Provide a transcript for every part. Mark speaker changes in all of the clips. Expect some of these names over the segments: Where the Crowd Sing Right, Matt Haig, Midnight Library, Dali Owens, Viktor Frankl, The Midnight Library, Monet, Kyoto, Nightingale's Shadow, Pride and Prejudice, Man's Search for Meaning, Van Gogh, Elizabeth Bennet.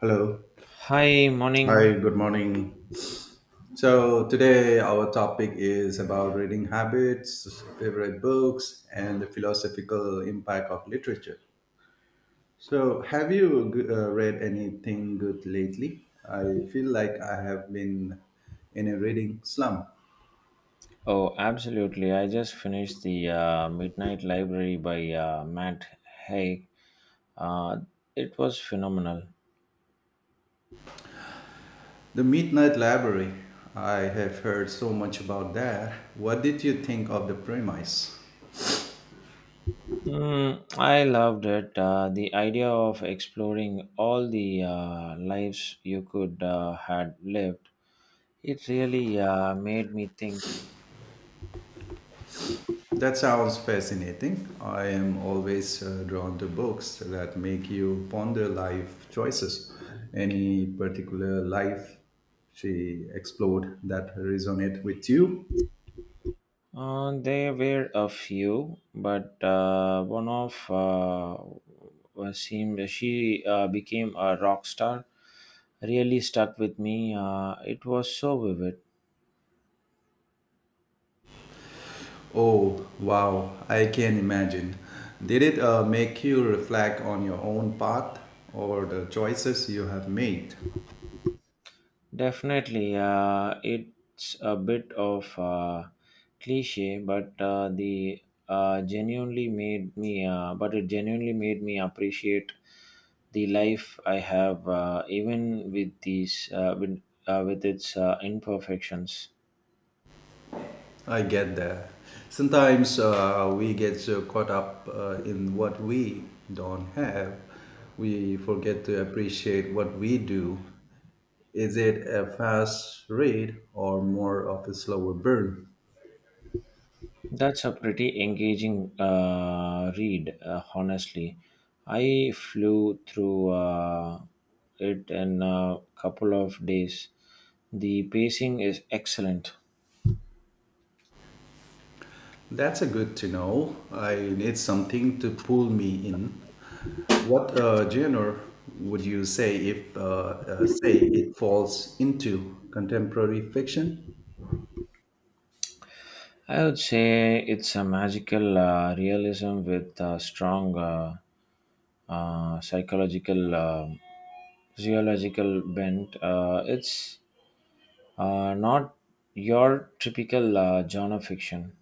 Speaker 1: Hello.
Speaker 2: Hi,
Speaker 1: Hi,
Speaker 2: morning.
Speaker 1: good morning. So, today our topic is about reading habits, favorite books, and the philosophical impact of literature. So, have you read anything good lately? I feel like I have been in a reading slump.
Speaker 2: Oh, absolutely. I just finished the Midnight Library by Matt Haig. Uh, it was phenomenal.
Speaker 1: The Midnight Library. I have heard so much about that. What did you think of the premise?
Speaker 2: Mm, I loved it. The idea of exploring all the lives you could had lived. It really made me think.
Speaker 1: That sounds fascinating. I am always drawn to books that make you ponder life choices. Any particular life she explored that resonate with you?
Speaker 2: There were a few, but one of was seemed she became a rock star really stuck with me. It was so vivid.
Speaker 1: Oh, wow, I can imagine. Did it make you reflect on your own path or the choices you have made?
Speaker 2: Definitely, it's a bit of cliche, but the genuinely made me. But it genuinely made me appreciate the life I have, even with these, with its imperfections.
Speaker 1: I get that. Sometimes we get so caught up in what we don't have, we forget to appreciate what we do. Is it a fast read or more of a slower burn?
Speaker 2: That's a pretty engaging read, honestly. I flew through it in a couple of days. The pacing is excellent.
Speaker 1: That's a good to know. I need something to pull me in. What genre would you say if say it falls into contemporary fiction?
Speaker 2: I would say it's a magical realism with a strong psychological, physiological bent. It's not your typical genre fiction.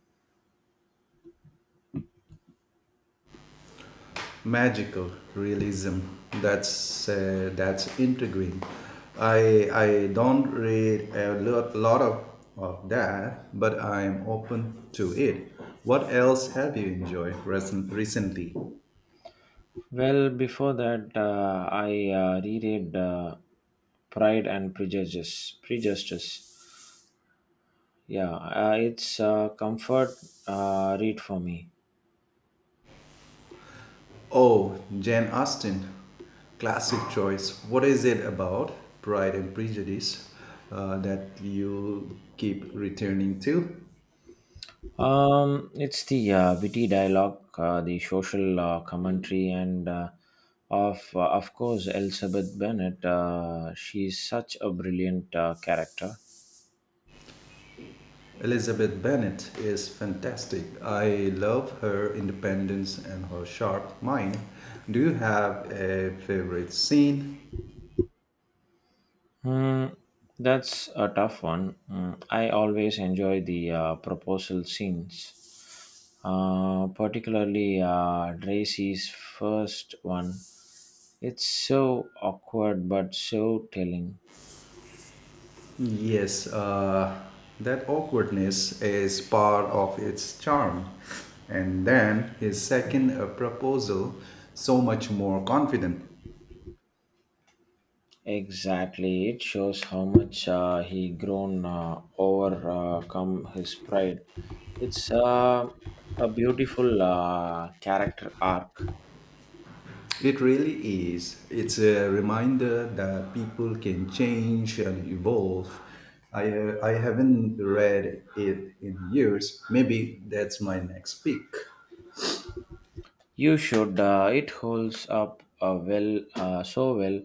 Speaker 1: Magical realism, that's intriguing. I don't read a lot of that, but I'm open to it. What else have you enjoyed recently?
Speaker 2: Well, before that, I reread Pride and Prejudice. Prejudice. Yeah, it's a comfort read for me.
Speaker 1: Oh, Jane Austen, classic choice. What is it about Pride and Prejudice that you keep returning to?
Speaker 2: It's the witty dialogue, the social commentary, and of course Elizabeth Bennet. She's such a brilliant character.
Speaker 1: Elizabeth Bennet is fantastic. I love her independence and her sharp mind. Do you have a favorite scene?
Speaker 2: Hmm, that's a tough one. Hmm, I always enjoy the proposal scenes, particularly Tracy's first one. It's so awkward but so telling.
Speaker 1: Yes, that awkwardness is part of its charm. And then his second proposal, so much more confident.
Speaker 2: Exactly, it shows how much he grown overcome his pride. It's a beautiful character arc.
Speaker 1: It really is. It's a reminder that people can change and evolve. I haven't read it in years. Maybe that's my next pick.
Speaker 2: You should. It holds up so well.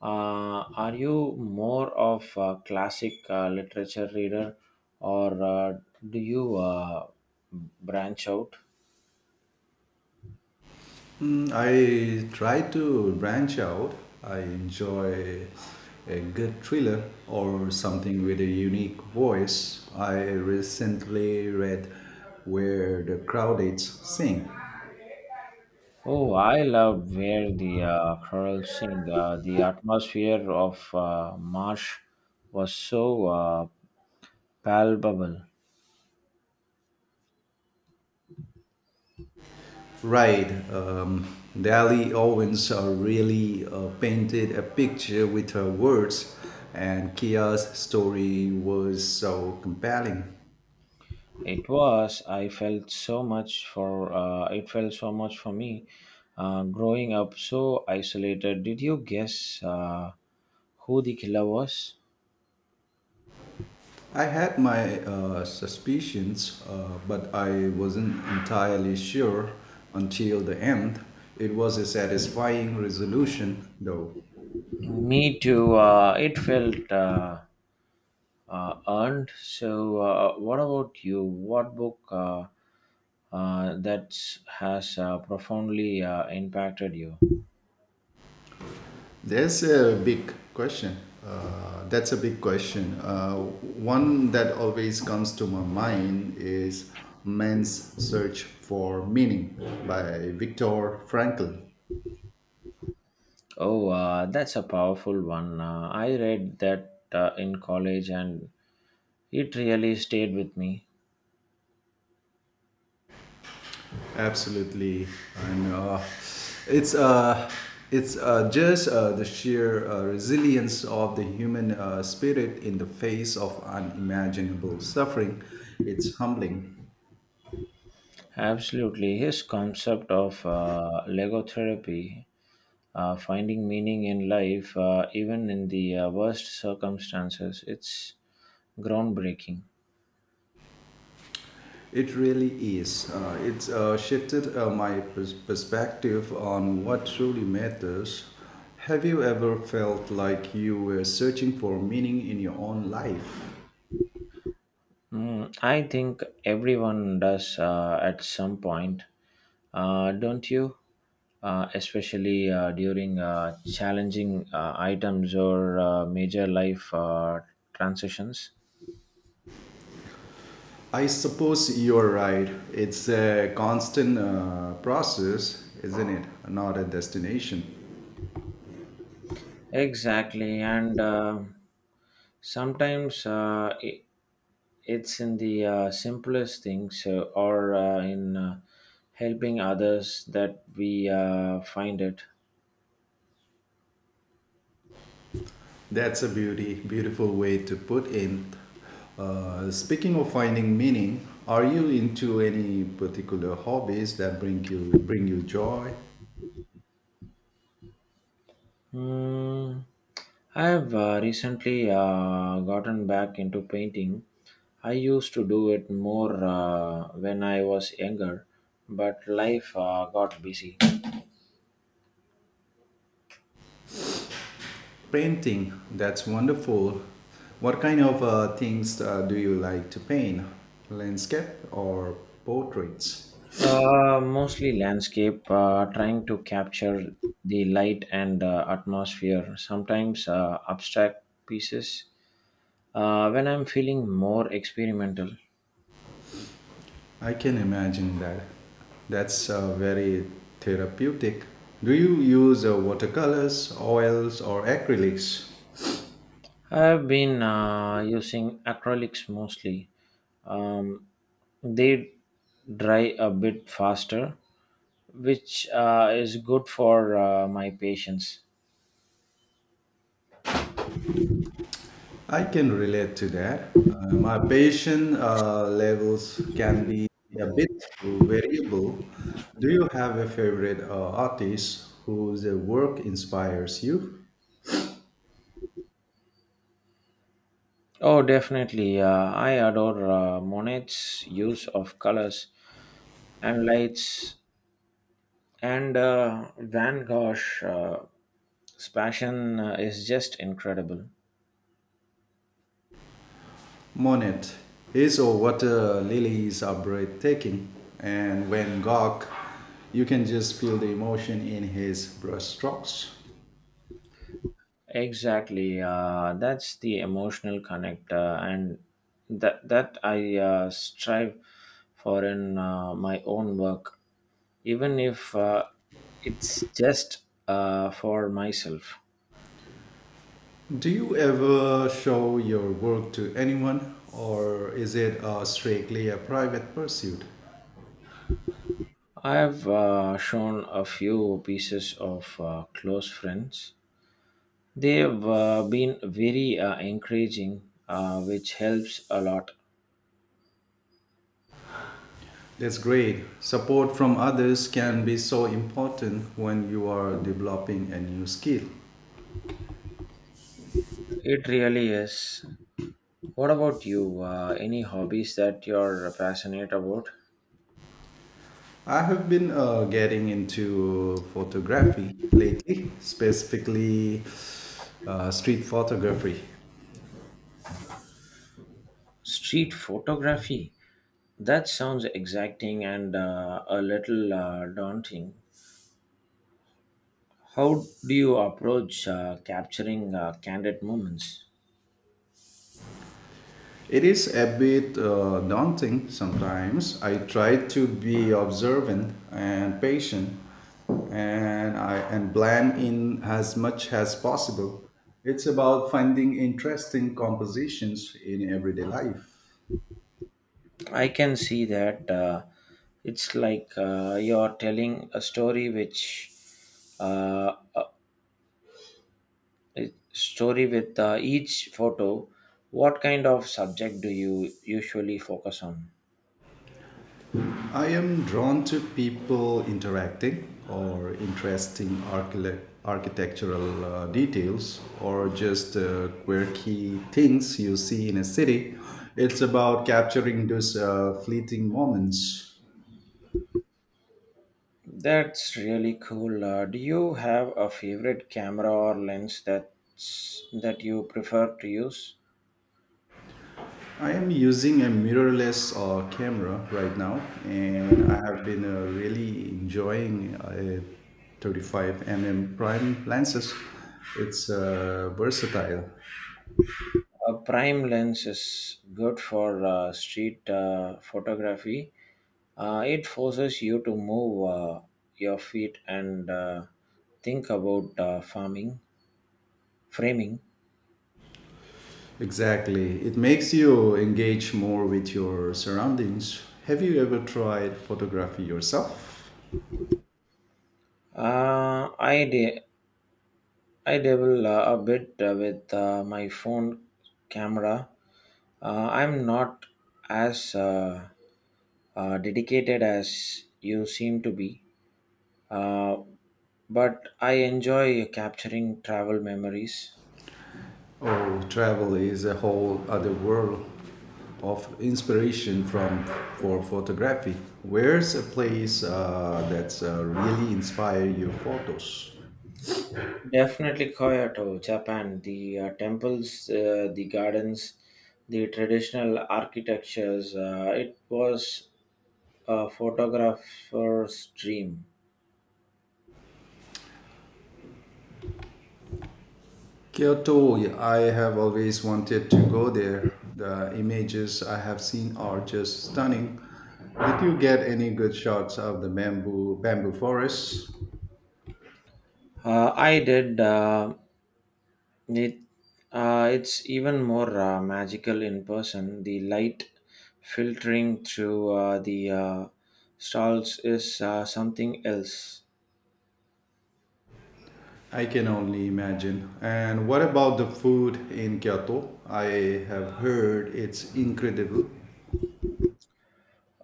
Speaker 2: Are you more of a classic literature reader, or do you branch out?
Speaker 1: Mm, I try to branch out. I enjoy a good thriller or something with a unique voice. I recently read Where the Crowd Sing.
Speaker 2: Oh, I love where the chorals sing. The atmosphere of marsh was so palpable.
Speaker 1: Right. Dali Owens really painted a picture with her words, and Kia's story was so compelling.
Speaker 2: It was. I felt so much for. It felt so much for me, growing up so isolated. Did you guess who the killer was?
Speaker 1: I had my suspicions, but I wasn't entirely sure until the end. It was a satisfying resolution, though.
Speaker 2: Me too. It felt earned. So, what about you? What book that has profoundly impacted you?
Speaker 1: There's a big question. That's a big question. One that always comes to my mind is Man's Search for Meaning by Viktor Frankl.
Speaker 2: Oh, that's a powerful one. I read that in college, and it really stayed with me.
Speaker 1: Absolutely. And it's, uh, it's just the sheer resilience of the human spirit in the face of unimaginable suffering. It's humbling.
Speaker 2: Absolutely. His concept of logotherapy, finding meaning in life, even in the worst circumstances, it's groundbreaking.
Speaker 1: It really is. It's shifted my perspective on what truly matters. Have you ever felt like you were searching for meaning in your own life?
Speaker 2: Mm, I think everyone does at some point, don't you? Especially during challenging items or major life transitions.
Speaker 1: I suppose you're right. It's a constant process, isn't it? Not a destination.
Speaker 2: Exactly, and sometimes it's in the simplest things or in helping others that we find it.
Speaker 1: That's a beautiful way to put in. Speaking of finding meaning, are you into any particular hobbies that bring you joy?
Speaker 2: Hmm. I have recently gotten back into painting. I used to do it more when I was younger, but life got busy.
Speaker 1: Painting, that's wonderful. What kind of things do you like to paint? Landscape or portraits?
Speaker 2: Mostly landscape, trying to capture the light and atmosphere, sometimes abstract pieces when I'm feeling more experimental.
Speaker 1: I can imagine that. That's very therapeutic. Do you use watercolors, oils, or acrylics?
Speaker 2: I've been using acrylics mostly. Um, they dry a bit faster, which is good for my patience.
Speaker 1: I can relate to that. My passion levels can be a bit variable. Do you have a favorite artist whose work inspires you?
Speaker 2: Oh, definitely. I adore Monet's use of colors and lights, and Van Gogh's passion is just incredible.
Speaker 1: Monet. His or water lilies are breathtaking, and Van Gogh, you can just feel the emotion in his brushstrokes.
Speaker 2: Exactly. That's the emotional connect, and that I strive for in my own work, even if it's just for myself.
Speaker 1: Do you ever show your work to anyone, or is it strictly a private pursuit?
Speaker 2: I have shown a few pieces of close friends. They've been very encouraging, which helps a lot.
Speaker 1: That's great. Support from others can be so important when you are developing a new skill.
Speaker 2: It really is. What about you? Any hobbies that you're passionate about?
Speaker 1: I have been getting into photography lately, specifically street photography.
Speaker 2: Street photography. That sounds exacting and a little daunting. How do you approach capturing candid moments?
Speaker 1: It is a bit daunting sometimes. I try to be observant and patient, and blend in as much as possible. It's about finding interesting compositions in everyday life.
Speaker 2: I can see that it's like you're telling a story, which uh, a a story with each photo. What kind of subject do you usually focus on?
Speaker 1: I am drawn to people interacting or interesting architectural details, or just quirky things you see in a city. It's about capturing those fleeting moments.
Speaker 2: That's really cool. Do you have a favorite camera or lens that you prefer to use?
Speaker 1: I am using a mirrorless camera right now, and I have been really enjoying a 35 mm prime lenses. It's versatile.
Speaker 2: A prime lens is good for street photography. It forces you to move your feet and think about framing.
Speaker 1: Exactly. It makes you engage more with your surroundings. Have you ever tried photography yourself?
Speaker 2: Uh, I de- I dabble a bit with my phone camera. I'm not as dedicated as you seem to be, uh, but I enjoy capturing travel memories.
Speaker 1: Oh, travel is a whole other world of inspiration from for photography. Where's a place that's really inspire your photos?
Speaker 2: Definitely Kyoto, Japan. The temples, the gardens, the traditional architectures. It was a photographer's dream.
Speaker 1: Kyoto, yeah, I have always wanted to go there. The images I have seen are just stunning. Did you get any good shots of the bamboo forest?
Speaker 2: I did. It, it's even more magical in person. The light filtering through the stalls is something else.
Speaker 1: I can only imagine. And what about the food in Kyoto? I have heard it's incredible.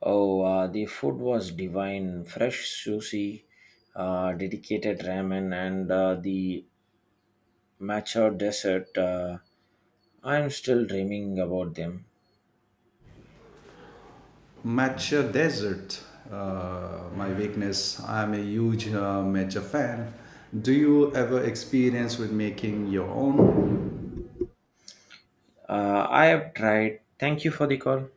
Speaker 2: Oh, the food was divine. Fresh sushi, dedicated ramen, and the matcha dessert. I'm still dreaming about them.
Speaker 1: Matcha dessert. My weakness. I'm a huge matcha fan. Do you ever experience with making your own?
Speaker 2: I have tried. Thank you for the call.